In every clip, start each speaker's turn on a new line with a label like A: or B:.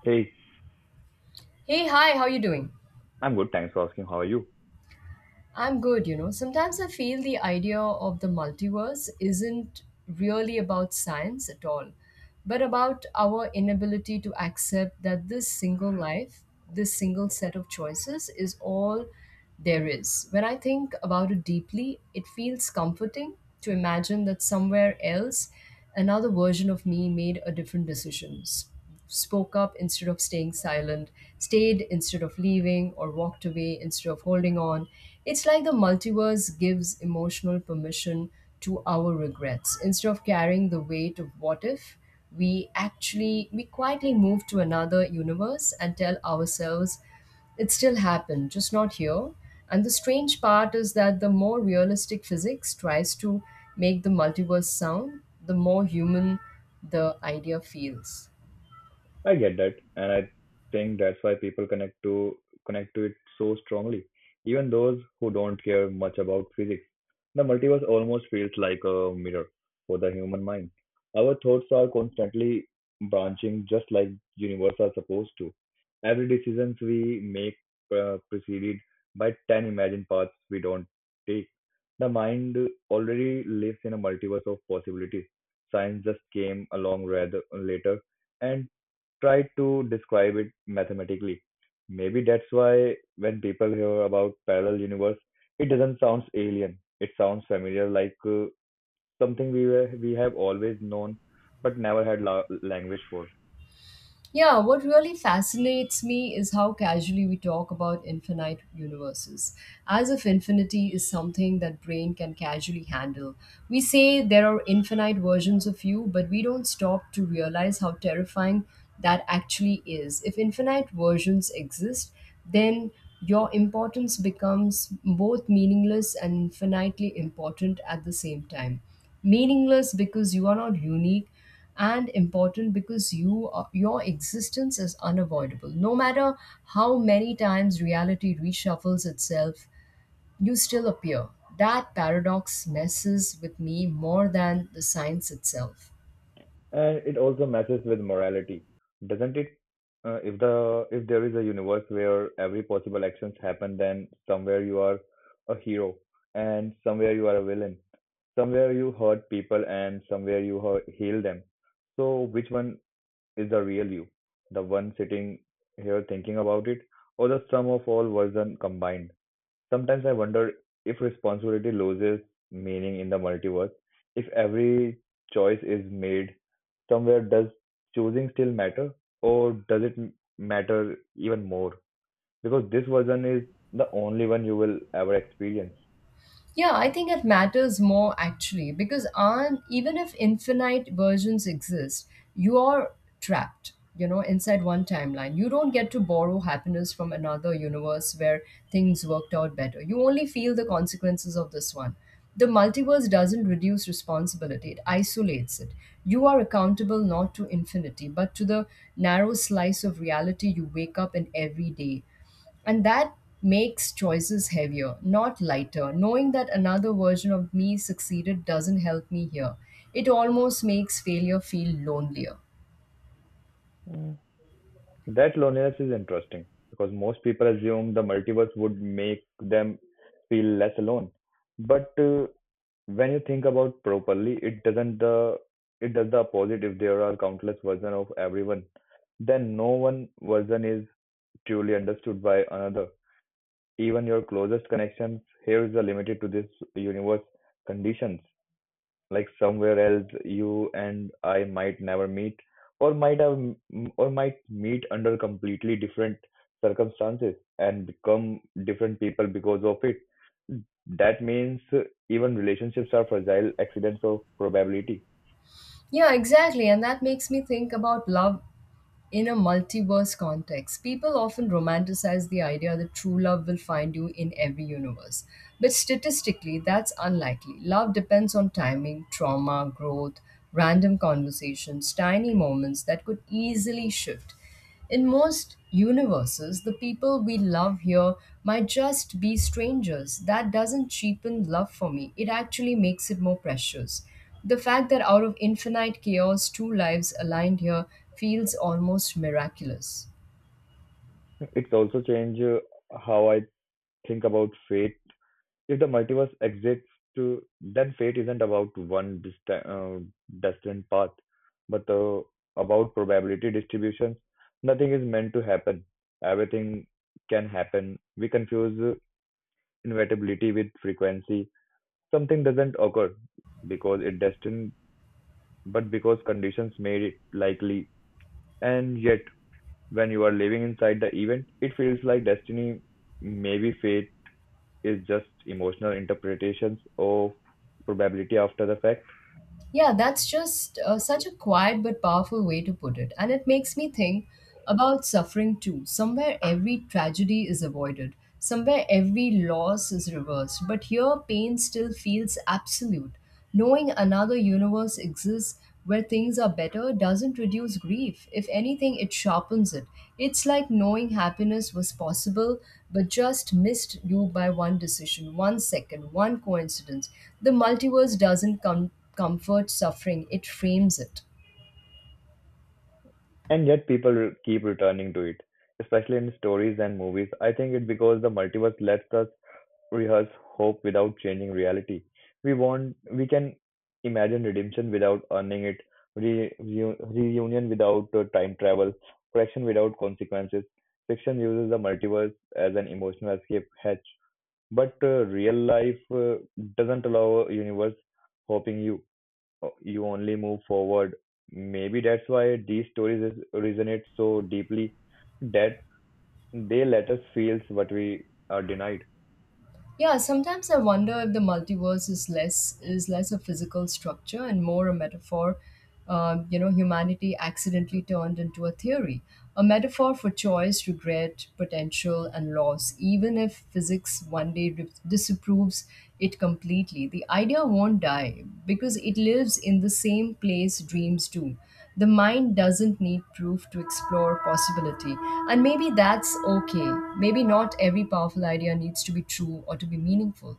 A: Hey,
B: Hey, hi, how you doing?
A: I'm good. Thanks for asking. How are you?
B: I'm good, you know. Sometimes I feel the idea of the multiverse isn't really about science at all, but about our inability to accept that this single life, this single set of choices is all there is. When I think about it deeply, it feels comforting to imagine that somewhere else another version of me made a different decisions, spoke up instead of staying silent, stayed instead of leaving, or walked away instead of holding on. It's like the multiverse gives emotional permission to our regrets. Instead of carrying the weight of what if, we quietly move to another universe and tell ourselves it still happened, just not here. And the strange part is that the more realistic physics tries to make the multiverse sound, the more human the idea feels.
A: I get that, and I think that's why people connect to it so strongly. Even those who don't care much about physics, the multiverse almost feels like a mirror for the human mind. Our thoughts are constantly branching, just like universe are supposed to. Every decisions we make preceded by 10 imagined paths we don't take. The mind already lives in a multiverse of possibilities. Science just came along rather later and try to describe it mathematically. Maybe that's why when people hear about parallel universe, it doesn't sound alien. It sounds familiar, like something we have always known but never had language for.
B: Yeah, what really fascinates me is how casually we talk about infinite universes, as if infinity is something that brain can casually handle. We say there are infinite versions of you, but we don't stop to realize how terrifying that actually is. If infinite versions exist, then your importance becomes both meaningless and infinitely important at the same time. Meaningless because you are not unique, and important because you are, your existence is unavoidable. No matter how many times reality reshuffles itself, you still appear. That paradox messes with me more than the science itself.
A: And it also messes with morality, doesn't it? If there is a universe where every possible actions happen, then somewhere you are a hero and somewhere you are a villain. Somewhere you hurt people and somewhere you heal them. So which one is the real you? The one sitting here thinking about it, or the sum of all version combined? Sometimes I wonder if responsibility loses meaning in the multiverse. If every choice is made somewhere, does choosing still matter, or does it matter even more? Because this version is the only one you will ever experience.
B: Yeah, I think it matters more actually because on, even if infinite versions exist, you are trapped, you know, inside one timeline. You don't get to borrow happiness from another universe where things worked out better. You only feel the consequences of this one. The multiverse doesn't reduce responsibility, it isolates it. You are accountable not to infinity, but to the narrow slice of reality you wake up in every day. And that makes choices heavier, not lighter. Knowing that another version of me succeeded doesn't help me here. It almost makes failure feel lonelier.
A: Mm. That loneliness is interesting because most people assume the multiverse would make them feel less alone. But when you think about properly, it does the opposite. If there are countless versions of everyone, then no one version is truly understood by another. Even your closest connections here is limited to this universe conditions, like somewhere else you and I might never meet or might have or might meet under completely different circumstances and become different people because of it. That means even relationships are fragile accidents of probability.
B: Yeah, exactly. And that makes me think about love in a multiverse context. People often romanticize the idea that true love will find you in every universe. But statistically, that's unlikely. Love depends on timing, trauma, growth, random conversations, tiny moments that could easily shift. In most universes, the people we love here might just be strangers. That doesn't cheapen love for me, it actually makes it more precious. The fact that out of infinite chaos, two lives aligned here feels almost miraculous.
A: It's also change how I think about fate. If the multiverse exists, then fate isn't about one destined path, but about probability distributions. Nothing is meant to happen. Everything can happen. We confuse inevitability with frequency. Something doesn't occur because it destined, but because conditions made it likely. And yet, when you are living inside the event, it feels like destiny, maybe fate, is just emotional interpretations of probability after the fact.
B: Yeah, that's just such a quiet but powerful way to put it. And it makes me think about suffering too. Somewhere every tragedy is avoided, somewhere every loss is reversed. But here, pain still feels absolute. Knowing another universe exists where things are better doesn't reduce grief. If anything, it sharpens it. It's like knowing happiness was possible but just missed you by one decision, one second, one coincidence. The multiverse doesn't come comfort suffering, it frames it.
A: And yet people keep returning to it, especially in stories and movies. I think it's because the multiverse lets us rehearse hope without changing reality. We can imagine redemption without earning it, reunion without time travel, correction without consequences. Fiction uses the multiverse as an emotional escape hatch, but real life doesn't allow a universe hoping. You only move forward. Maybe that's why these stories resonate so deeply that they let us feel what we are denied.
B: Yeah, sometimes I wonder if the multiverse is less a physical structure and more a metaphor, you know, humanity accidentally turned into a theory, a metaphor for choice, regret, potential and loss. Even if physics one day disapproves it completely, the idea won't die because it lives in the same place dreams do. The mind doesn't need proof to explore possibility. And maybe that's okay. Maybe not every powerful idea needs to be true or to be meaningful.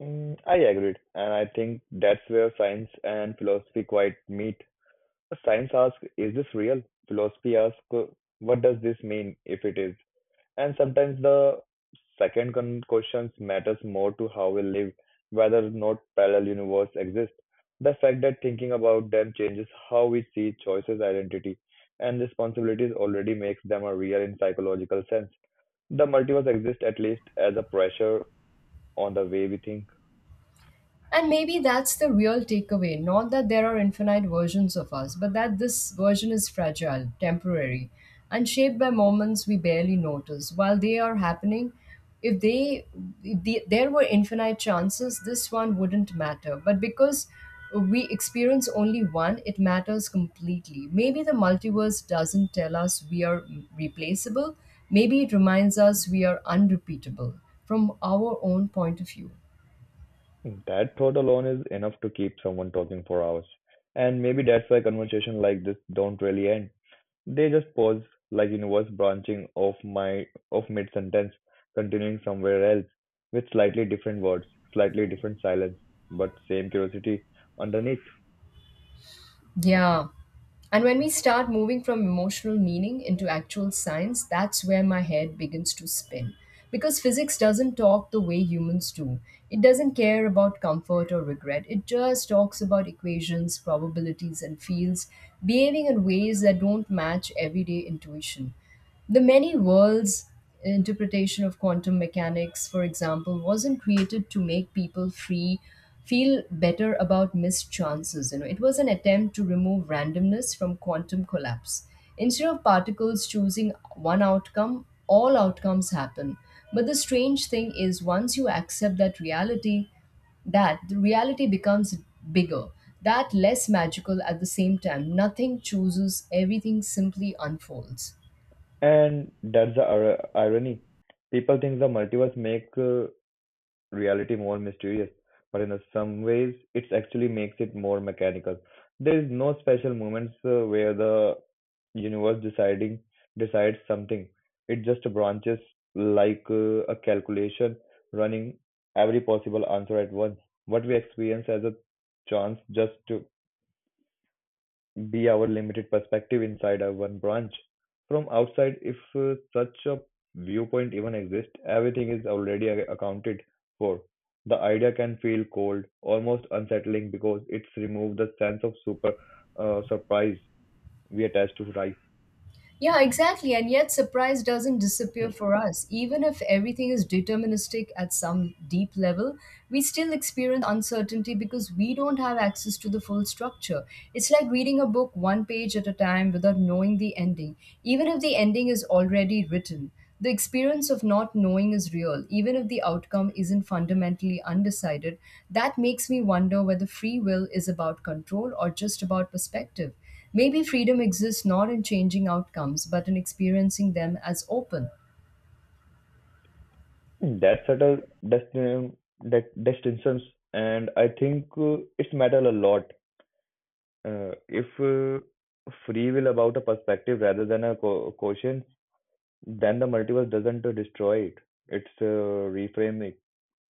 A: I agreed, and I think that's where science and philosophy quite meet. Science asks, "Is this real?" Philosophy asks, "What does this mean if it is?" And sometimes the second questions matters more to how we live, whether or not parallel universe exist. The fact that thinking about them changes how we see choices, identity, and responsibilities already makes them a real in psychological sense. The multiverse exists at least as a pressure on the way we think.
B: And maybe that's the real takeaway. Not that there are infinite versions of us, but that this version is fragile, temporary, and shaped by moments we barely notice. While they are happening, if they if the, there were infinite chances, this one wouldn't matter. But because we experience only one, it matters completely. Maybe the multiverse doesn't tell us we are replaceable. Maybe it reminds us we are unrepeatable from our own point of view.
A: That thought alone is enough to keep someone talking for hours. And maybe that's why conversation like this don't really end. They just pause, like universe branching off mid-sentence, continuing somewhere else, with slightly different words, slightly different silence, but same curiosity underneath.
B: Yeah. And when we start moving from emotional meaning into actual science, that's where my head begins to spin. Because physics doesn't talk the way humans do. It doesn't care about comfort or regret. It just talks about equations, probabilities, and fields behaving in ways that don't match everyday intuition. The many worlds interpretation of quantum mechanics, for example, wasn't created to make people free feel better about missed chances. You know, it was an attempt to remove randomness from quantum collapse. Instead of particles choosing one outcome, all outcomes happen. But the strange thing is once you accept that reality, that the reality becomes bigger, that less magical at the same time. Nothing chooses, everything simply unfolds.
A: And that's the irony. People think the multiverse make reality more mysterious, but in a some ways, it actually makes it more mechanical. There is no special moments where the universe deciding decides something. It just branches like a calculation running every possible answer at once. What we experience as a chance just be our limited perspective inside our one branch. From outside, if such a viewpoint even exists, everything is already accounted for. The idea can feel cold, almost unsettling, because it's removed the sense of super surprise we attach to life.
B: Yeah, exactly. And yet, surprise doesn't disappear for us. Even if everything is deterministic at some deep level, we still experience uncertainty because we don't have access to the full structure. It's like reading a book one page at a time without knowing the ending, even if the ending is already written. The experience of not knowing is real, even if the outcome isn't fundamentally undecided. That makes me wonder whether free will is about control or just about perspective. Maybe freedom exists not in changing outcomes, but in experiencing them as open.
A: That subtle that distinctions, and I think it's matter a lot. If free will about a perspective rather than a quotient. Then the multiverse doesn't destroy it. It's reframing.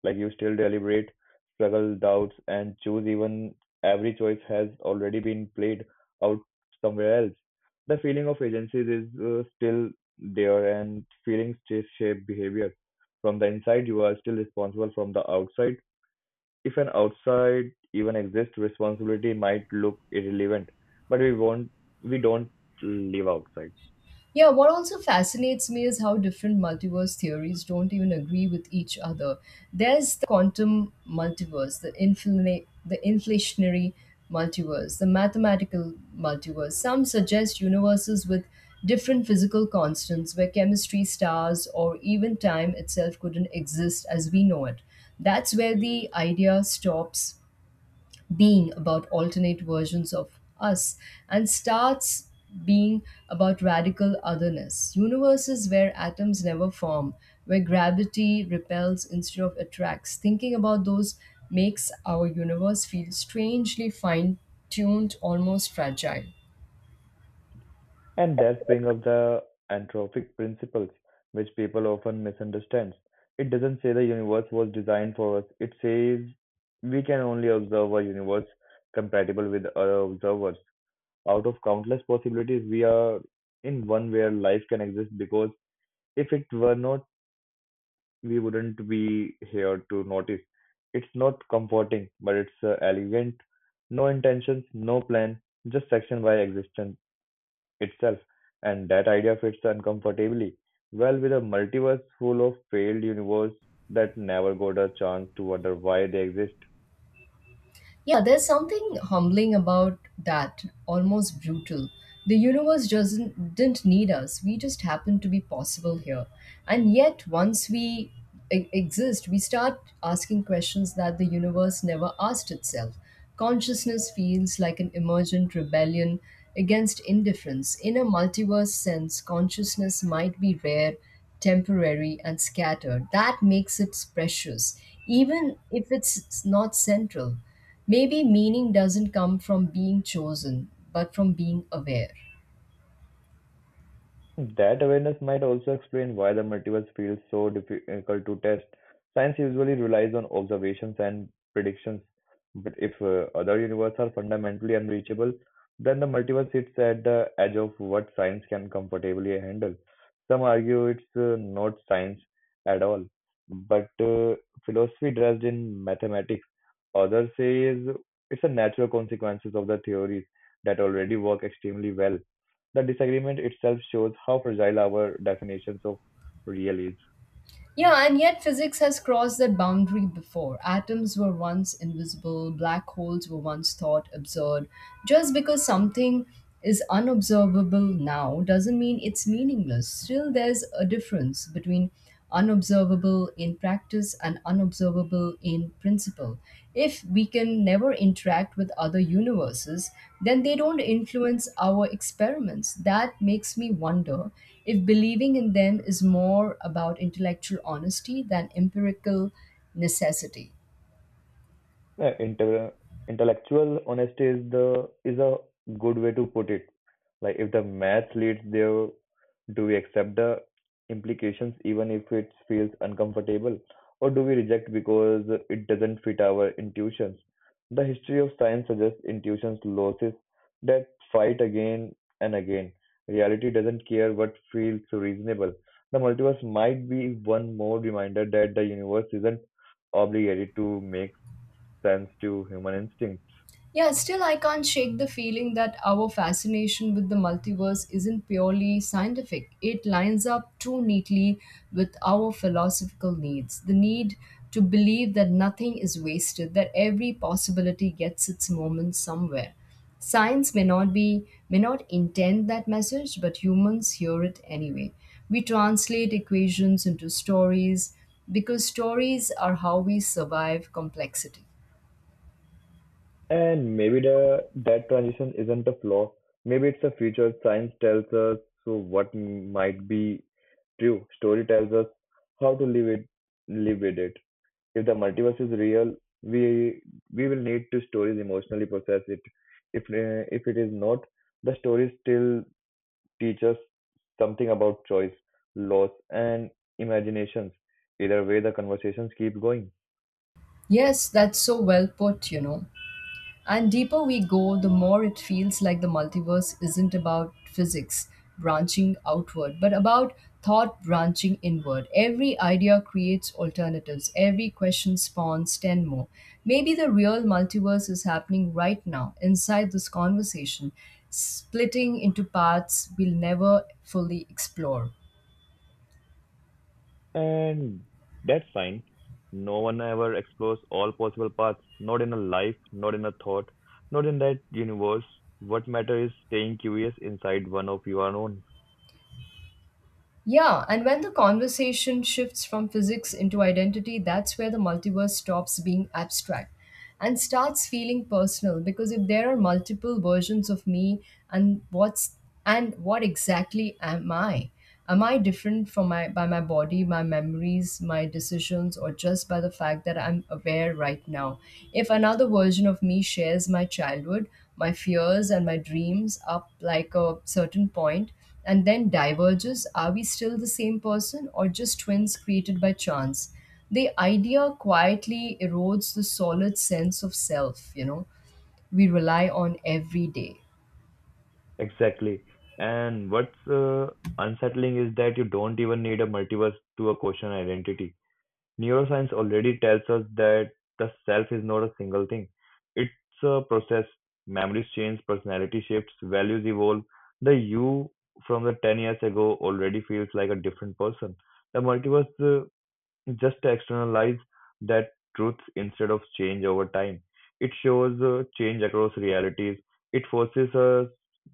A: Like you still deliberate, struggle, doubts, and choose. Even every choice has already been played out somewhere else. The feeling of agency is still there, and feelings shape behavior. From the inside, you are still responsible. From the outside, if an outside even exists, responsibility might look irrelevant. But we won't. We don't live outside.
B: Yeah, what also fascinates me is how different multiverse theories don't even agree with each other. There's the quantum multiverse, the inflationary multiverse, the mathematical multiverse. Some suggest universes with different physical constants where chemistry, stars, or even time itself couldn't exist as we know it. That's where the idea stops being about alternate versions of us and starts being about radical otherness. Universes where atoms never form, where gravity repels instead of attracts. Thinking about those makes our universe feel strangely fine tuned, almost fragile.
A: And that brings up the anthropic principles, which people often misunderstand. It doesn't say the universe was designed for us, it says we can only observe a universe compatible with other observers. Out of countless possibilities, we are in one where life can exist because if it were not, we wouldn't be here to notice. It's not comforting, but it's elegant. No intentions, no plan, just action by existence itself, and that idea fits uncomfortably well with a multiverse full of failed universes that never got a chance to wonder why they exist.
B: Yeah, there's something humbling about that, almost brutal. The universe doesn't didn't need us. We just happen to be possible here. And yet once we exist, we start asking questions that the universe never asked itself. Consciousness feels like an emergent rebellion against indifference. In a multiverse sense, consciousness might be rare, temporary, and scattered. That makes it precious, even if it's not central. Maybe meaning doesn't come from being chosen, but from being aware.
A: That awareness might also explain why the multiverse feels so difficult to test. Science usually relies on observations and predictions, but if other universes are fundamentally unreachable, then the multiverse sits at the edge of what science can comfortably handle. Some argue it's not science at all, but philosophy dressed in mathematics. Others say it's a natural consequences of the theories that already work extremely well. The disagreement itself shows how fragile our definitions of real is.
B: Yeah, and yet physics has crossed that boundary before. Atoms were once invisible, black holes were once thought absurd. Just because something is unobservable now doesn't mean it's meaningless. Still, there's a difference between unobservable in practice is an unobservable in principle. If we can never interact with other universes, then they don't influence our experiments. That makes me wonder if believing in them is more about intellectual honesty than empirical necessity.
A: Yeah, intellectual honesty is a good way to put it. Like if the math leads there, do we accept the implications even if it feels uncomfortable, or do we reject because it doesn't fit our intuitions? The history of science suggests intuitions losses that fight again and again. Reality doesn't care what feels reasonable. The multiverse might be one more reminder that the universe isn't obligated to make sense to human instinct.
B: Yeah, still, I can't shake the feeling that our fascination with the multiverse isn't purely scientific. It lines up too neatly with our philosophical needs, the need to believe that nothing is wasted, that every possibility gets its moment somewhere. Science may not intend that message, but humans hear it anyway. We translate equations into stories because stories are how we survive complexity.
A: And maybe the that transition isn't a flaw. Maybe it's a feature. Science tells us so what might be true. Story tells us how to live with it. If the multiverse is real, we we will need to stories emotionally process it. If it is not, the stories still teach us something about choice, loss, and imaginations. Either way, the conversations keep going.
B: Yes, that's so well put, you know. And deeper we go, the more it feels like the multiverse isn't about physics branching outward, but about thought branching inward. Every idea creates alternatives, every question spawns 10 more. Maybe the real multiverse is happening right now, inside this conversation, splitting into paths we'll never fully explore.
A: And that's fine. No one ever explores all possible paths, not in a life, not in a thought, not in that universe. What matters is staying curious inside one of your own.
B: Yeah, and when the conversation shifts from physics into identity, that's where the multiverse stops being abstract and starts feeling personal. Because if there are multiple versions of me, and what's and what exactly am I? Am I different from my by my body, my memories, my decisions, or just by the fact that I'm aware right now? If another version of me shares my childhood, my fears and my dreams up like a certain point, and then diverges, are we still the same person or just twins created by chance? The idea quietly erodes the solid sense of self, you know, we rely on every day.
A: Exactly. And what's unsettling is that you don't even need a multiverse to a question identity. Neuroscience already tells us that the self is not a single thing. It's a process. Memories change, personality shifts, values evolve. The you from the 10 years ago already feels like a different person. The multiverse just externalize that truth instead of change over time. It shows change across realities. It forces us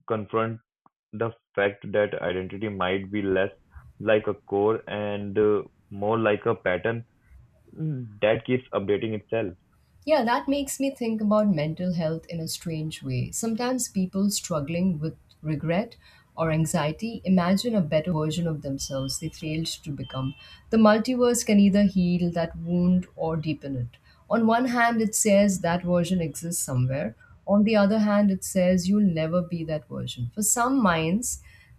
A: confront the fact that identity might be less like a core and more like a pattern that keeps updating itself.
B: Yeah, that makes me think about mental health in a strange way. Sometimes people struggling with regret or anxiety imagine a better version of themselves they failed to become. The multiverse can either heal that wound or deepen it. On one hand, it says that version exists somewhere. On the other hand, it says you'll never be that version. For some minds,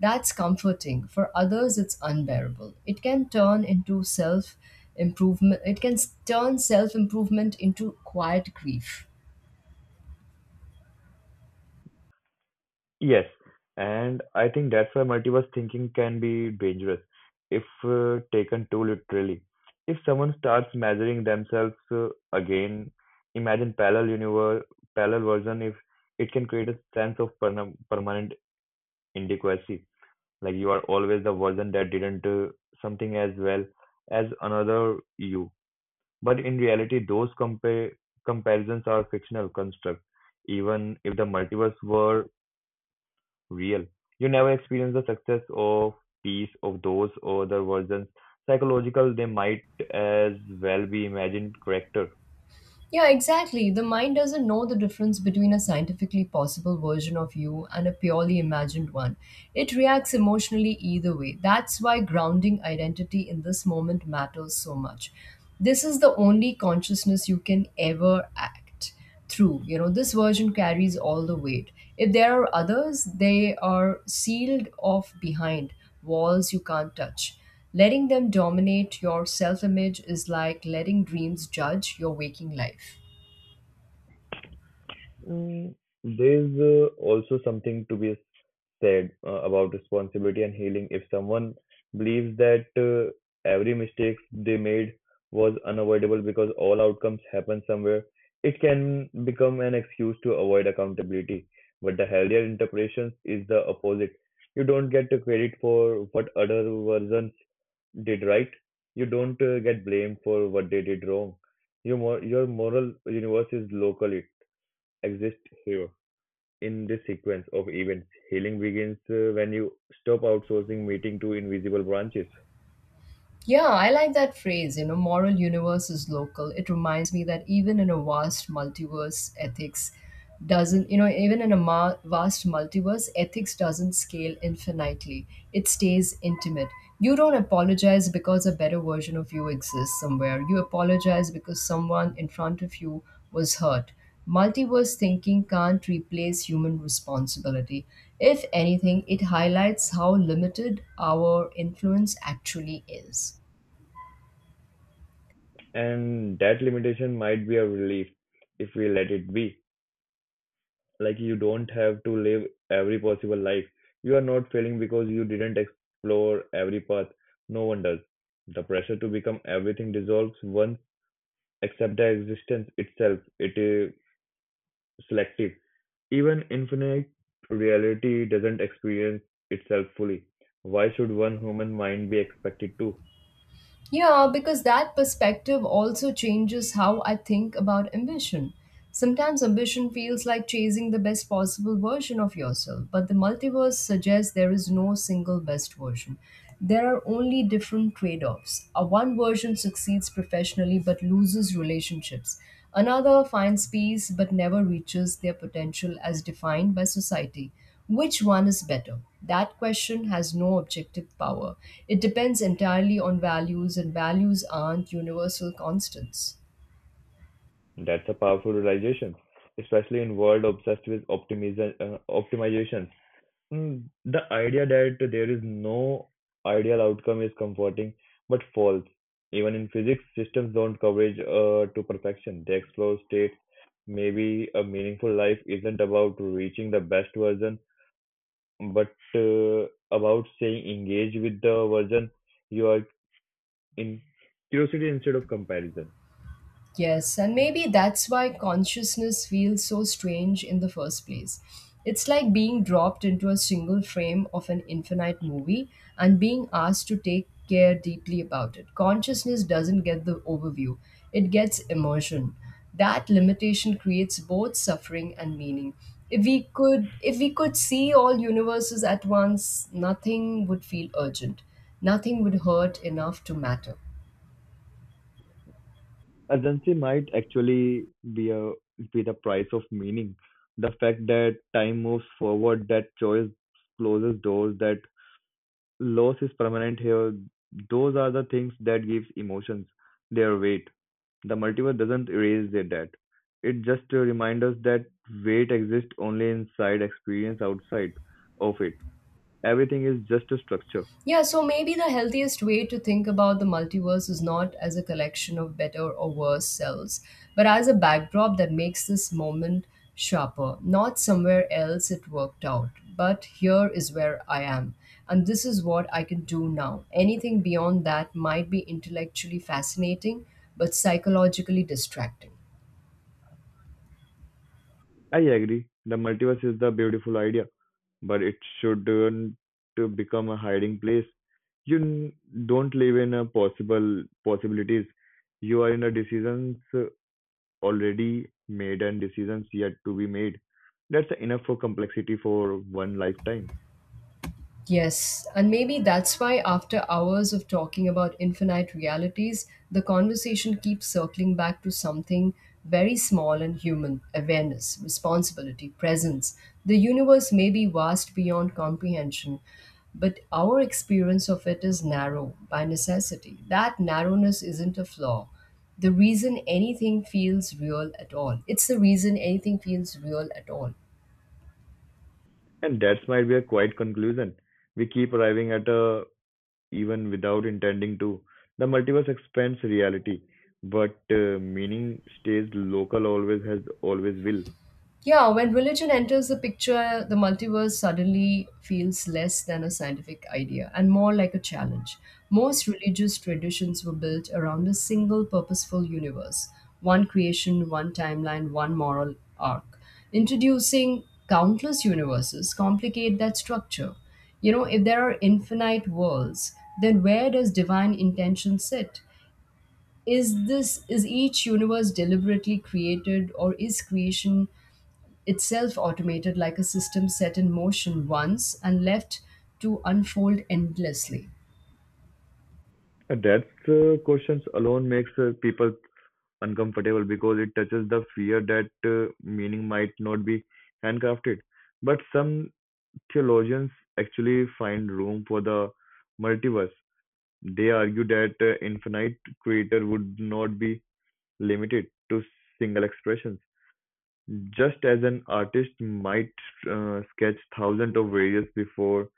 B: that's comforting. For others, it's unbearable. It can turn into self improvement, it can turn self improvement into quiet grief.
A: Yes, and I think that's why multiverse thinking can be dangerous if taken too literally. If someone starts measuring themselves again, imagine parallel universe, parallel version. If it can create a sense of permanent inadequacy, like you are always the version that didn't something as well as another you. But in reality, those comparisons are fictional construct. Even if the multiverse were real, you never experience the success or peace of those other versions. Psychological, they might as well be imagined character.
B: Yeah, exactly. The mind doesn't know the difference between a scientifically possible version of you and a purely imagined one. It reacts emotionally either way. That's why grounding identity in this moment matters so much. This is the only consciousness you can ever act just through. You know, this version carries all the weight. If there are others, they are sealed off behind walls you can't touch. Letting them dominate your self image is like letting dreams judge your waking life.
A: Mm, There's also something to be said about responsibility and healing. If someone believes that every mistake they made was unavoidable because all outcomes happen somewhere, it can become an excuse to avoid accountability. But the healthier interpretation is the opposite. You don't get the credit for what other versions did right. You don't get blamed for what they did wrong. Your moral universe is local exist here. In this sequence of events, healing begins when you stop outsourcing meeting to invisible branches.
B: Yeah, I like that phrase, you know, moral universe is local. It reminds me that even in a vast multiverse, ethics doesn't, you know, even in a ma- vast multiverse, ethics doesn't scale infinitely. It stays intimate. You don't apologize because a better version of you exists somewhere. You apologize because someone in front of you was hurt. Multiverse thinking can't replace human responsibility. If anything, it highlights how limited our influence actually is.
A: And that limitation might be a relief if we let it be. Like you don't have to live every possible life. You are not failing because you didn't explore every path. No one does. The pressure to become everything dissolves once, except the existence itself. It is selective. Even infinite reality doesn't experience itself fully. Why should one human mind be expected to?
B: Yeah, because that perspective also changes how I think about ambition. Sometimes ambition feels like chasing the best possible version of yourself, but the multiverse suggests there is no single best version. There are only different trade offs. A one version succeeds professionally but loses relationships. Another finds peace but never reaches their potential as defined by society. Which one is better? That question has no objective power. It depends entirely on values, and values aren't universal constants.
A: That's a powerful realization, especially in world obsessed with optimization. The idea that there is no ideal outcome is comforting, but false. Even in physics, systems don't coverage to perfection. They explore states. Maybe a meaningful life isn't about reaching the best version but about saying engage with the version you are in curiosity instead of comparison.
B: Yes, and maybe that's why consciousness feels so strange in the first place. It's like being dropped into a single frame of an infinite movie and being asked to take care deeply about it. Consciousness doesn't get the overview, it gets immersion. That limitation creates both suffering and meaning. If we could see all universes at once, nothing would feel urgent. Nothing would hurt enough to matter.
A: Urgency might actually be a be the price of meaning. The fact that time moves forward, that choice closes doors, that loss is permanent here, those are the things that gives emotions their weight. The multiverse doesn't erase their debt. It just reminds us that weight exists only inside experience outside of it. Everything is just a structure.
B: Yeah, so maybe the healthiest way to think about the multiverse is not as a collection of better or worse selves, but as a backdrop that makes this moment sharper. Not somewhere else it worked out, but here is where I am. And this is what I can do now. Anything beyond that might be intellectually fascinating, but psychologically distracting.
A: I agree. The multiverse is the beautiful idea, but it shouldn't to become a hiding place. You n- don't live in a possible possibilities. You are in a decisions already made and decisions yet to be made. That's enough for complexity for one lifetime.
B: Yes, and maybe that's why after hours of talking about infinite realities, the conversation keeps circling back to something very small and human awareness, responsibility, presence. The universe may be vast beyond comprehension, but our experience of it is narrow by necessity. That narrowness isn't a flaw. The reason anything feels real at all, it's the reason anything feels real at all.
A: And that might be a quiet conclusion. We keep arriving at a even without intending to. The multiverse expands reality, but meaning stays local. Always has, always will.
B: Yeah, when religion enters the picture, the multiverse suddenly feels less than a scientific idea and more like a challenge. Most religious traditions were built around a single purposeful universe one creation, one timeline, one moral arc. Introducing countless universes complicate that structure. You know, if there are infinite worlds, then where does divine intention sit? Is each universe deliberately created, or is creation itself automated like a system set in motion once and left to unfold endlessly?
A: And that's questions alone makes people uncomfortable because it touches the fear that meaning might not be handcrafted. But some theologians actually find room for the multiverse. They argue that infinite creator would not be limited to single expressions. Just as an artist might sketch thousands of variants before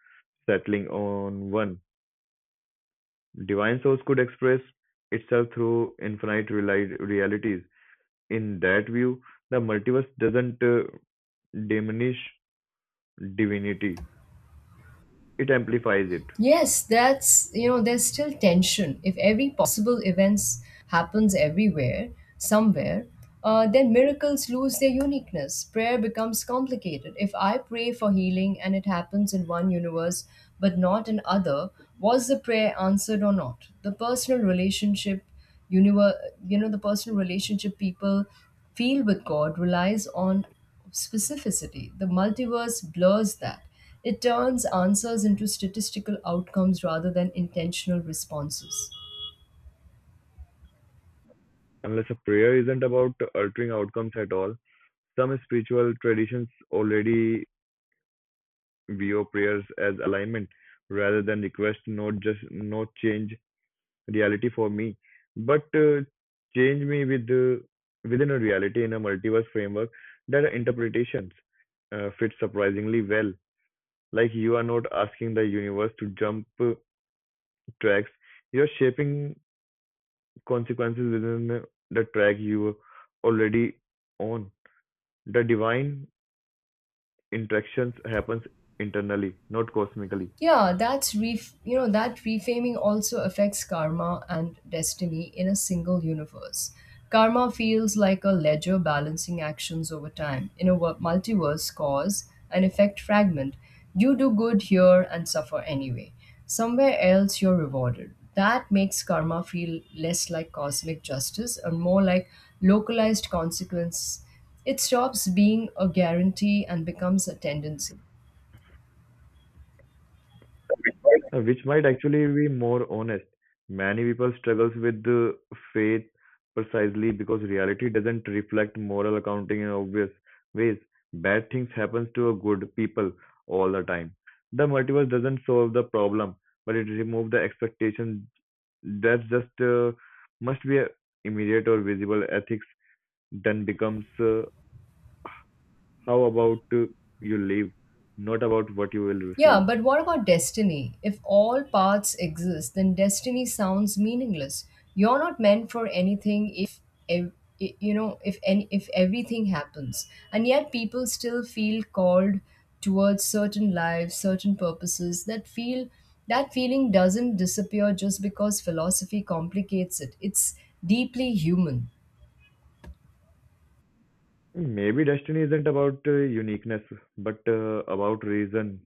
A: settling on one, divine source could express itself through realities. In that view, the multiverse doesn't diminish divinity, it amplifies it.
B: Yes, there's still tension. If every possible events happens everywhere, somewhere, then miracles lose their uniqueness. Prayer becomes complicated. If I pray for healing and it happens in one universe but not in other, was the prayer answered or not? Univer- the personal relationship people feel with God relies on specificity. The multiverse blurs that. It turns answers into statistical outcomes rather than intentional responses.
A: Unless a prayer isn't about altering outcomes at all, some spiritual traditions already view prayers as alignment rather than request, not just not change reality for me, but change me with within a reality in a multiverse framework that interpretations fit surprisingly well. Like you are not asking the universe to jump tracks, you're shaping consequences within the track you already on. The divine interactions happens internally, not cosmically.
B: Yeah, that reframing also affects karma and destiny in a single universe. Karma feels like a ledger balancing actions over time in a wo- Multiverse cause and effect fragment. You do good here and suffer anyway. Somewhere else you're rewarded. That makes karma feel less like cosmic justice and more like localized consequence. It stops being a guarantee and becomes a tendency.
A: Which might actually be more honest. Many people struggles with the faith precisely because reality doesn't reflect moral accounting in obvious ways. Bad things happens to a good people all the time. The multiverse doesn't solve the problem, but it removes the expectation that just must be a immediate or visible ethics. Then becomes how about you live, not about what you will receive.
B: Yeah, but what about destiny? If all paths exist, then destiny sounds meaningless. You're not meant for anything if ev- I- you know if any if everything happens. And yet people still feel called towards certain lives, certain purposes. That feeling doesn't disappear just because philosophy complicates it. It's deeply human.
A: Maybe destiny isn't about uniqueness, but about reason.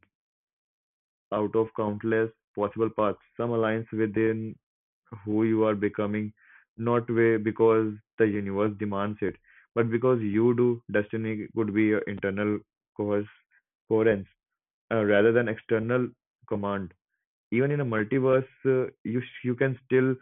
A: Out of countless possible paths, some aligns within who you are becoming, not way because the universe demands it, but because you do. Destiny could be your internal coerce, coherence rather than external command. Even in a multiverse, you can still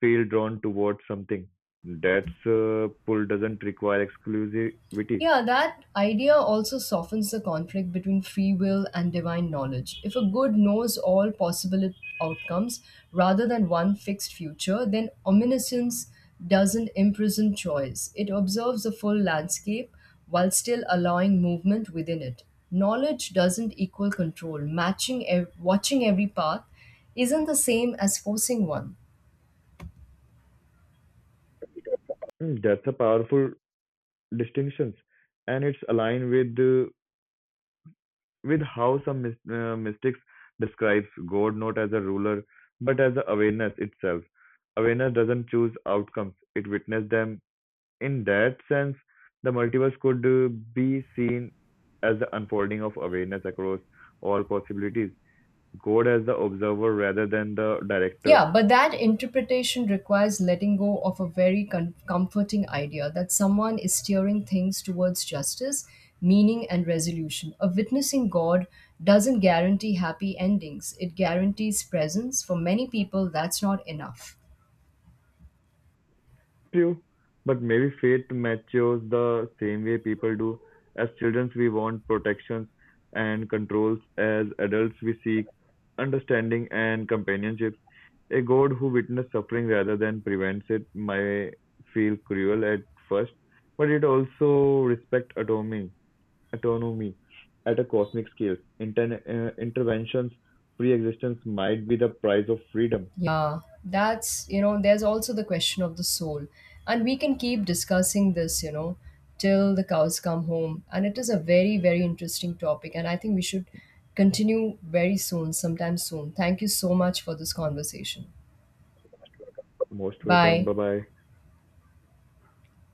A: feel drawn towards something. That's pull doesn't require exclusivity.
B: Yeah, that idea also softens the conflict between free will and divine knowledge. If a good knows all possible outcomes rather than one fixed future, then omniscience doesn't imprison choice. It observes the full landscape while still allowing movement within it. Knowledge doesn't equal control. Watching every path isn't the same as forcing one.
A: That's a powerful distinctions, and it's aligned with the with how some mys- mystics describes God not as a ruler but as the awareness itself. Awareness doesn't choose outcomes; it witnesses them. In that sense, the multiverse could be seen as the unfolding of awareness across all possibilities. God as the observer rather than the director.
B: Yeah, but that interpretation requires letting go of a comforting idea that someone is steering things towards justice, meaning, and resolution. A witnessing God doesn't guarantee happy endings, it guarantees presence. For many people, that's not enough.
A: True, but maybe fate matures the same way people do. As children, we want protections and controls. As adults, we seek understanding and companionships. A god who witnessed suffering rather than prevents it may feel cruel at first, but it also respects autonomy, autonomy at a cosmic scale. Interventions, free existence might be the price of freedom.
B: Yeah, there's also the question of the soul. And we can keep discussing this till the cows come home. And it is a very, very interesting topic. And I think we should continue very soon, sometime soon. Thank you so much for this conversation.
A: Most welcome.
B: Bye.
A: Bye bye.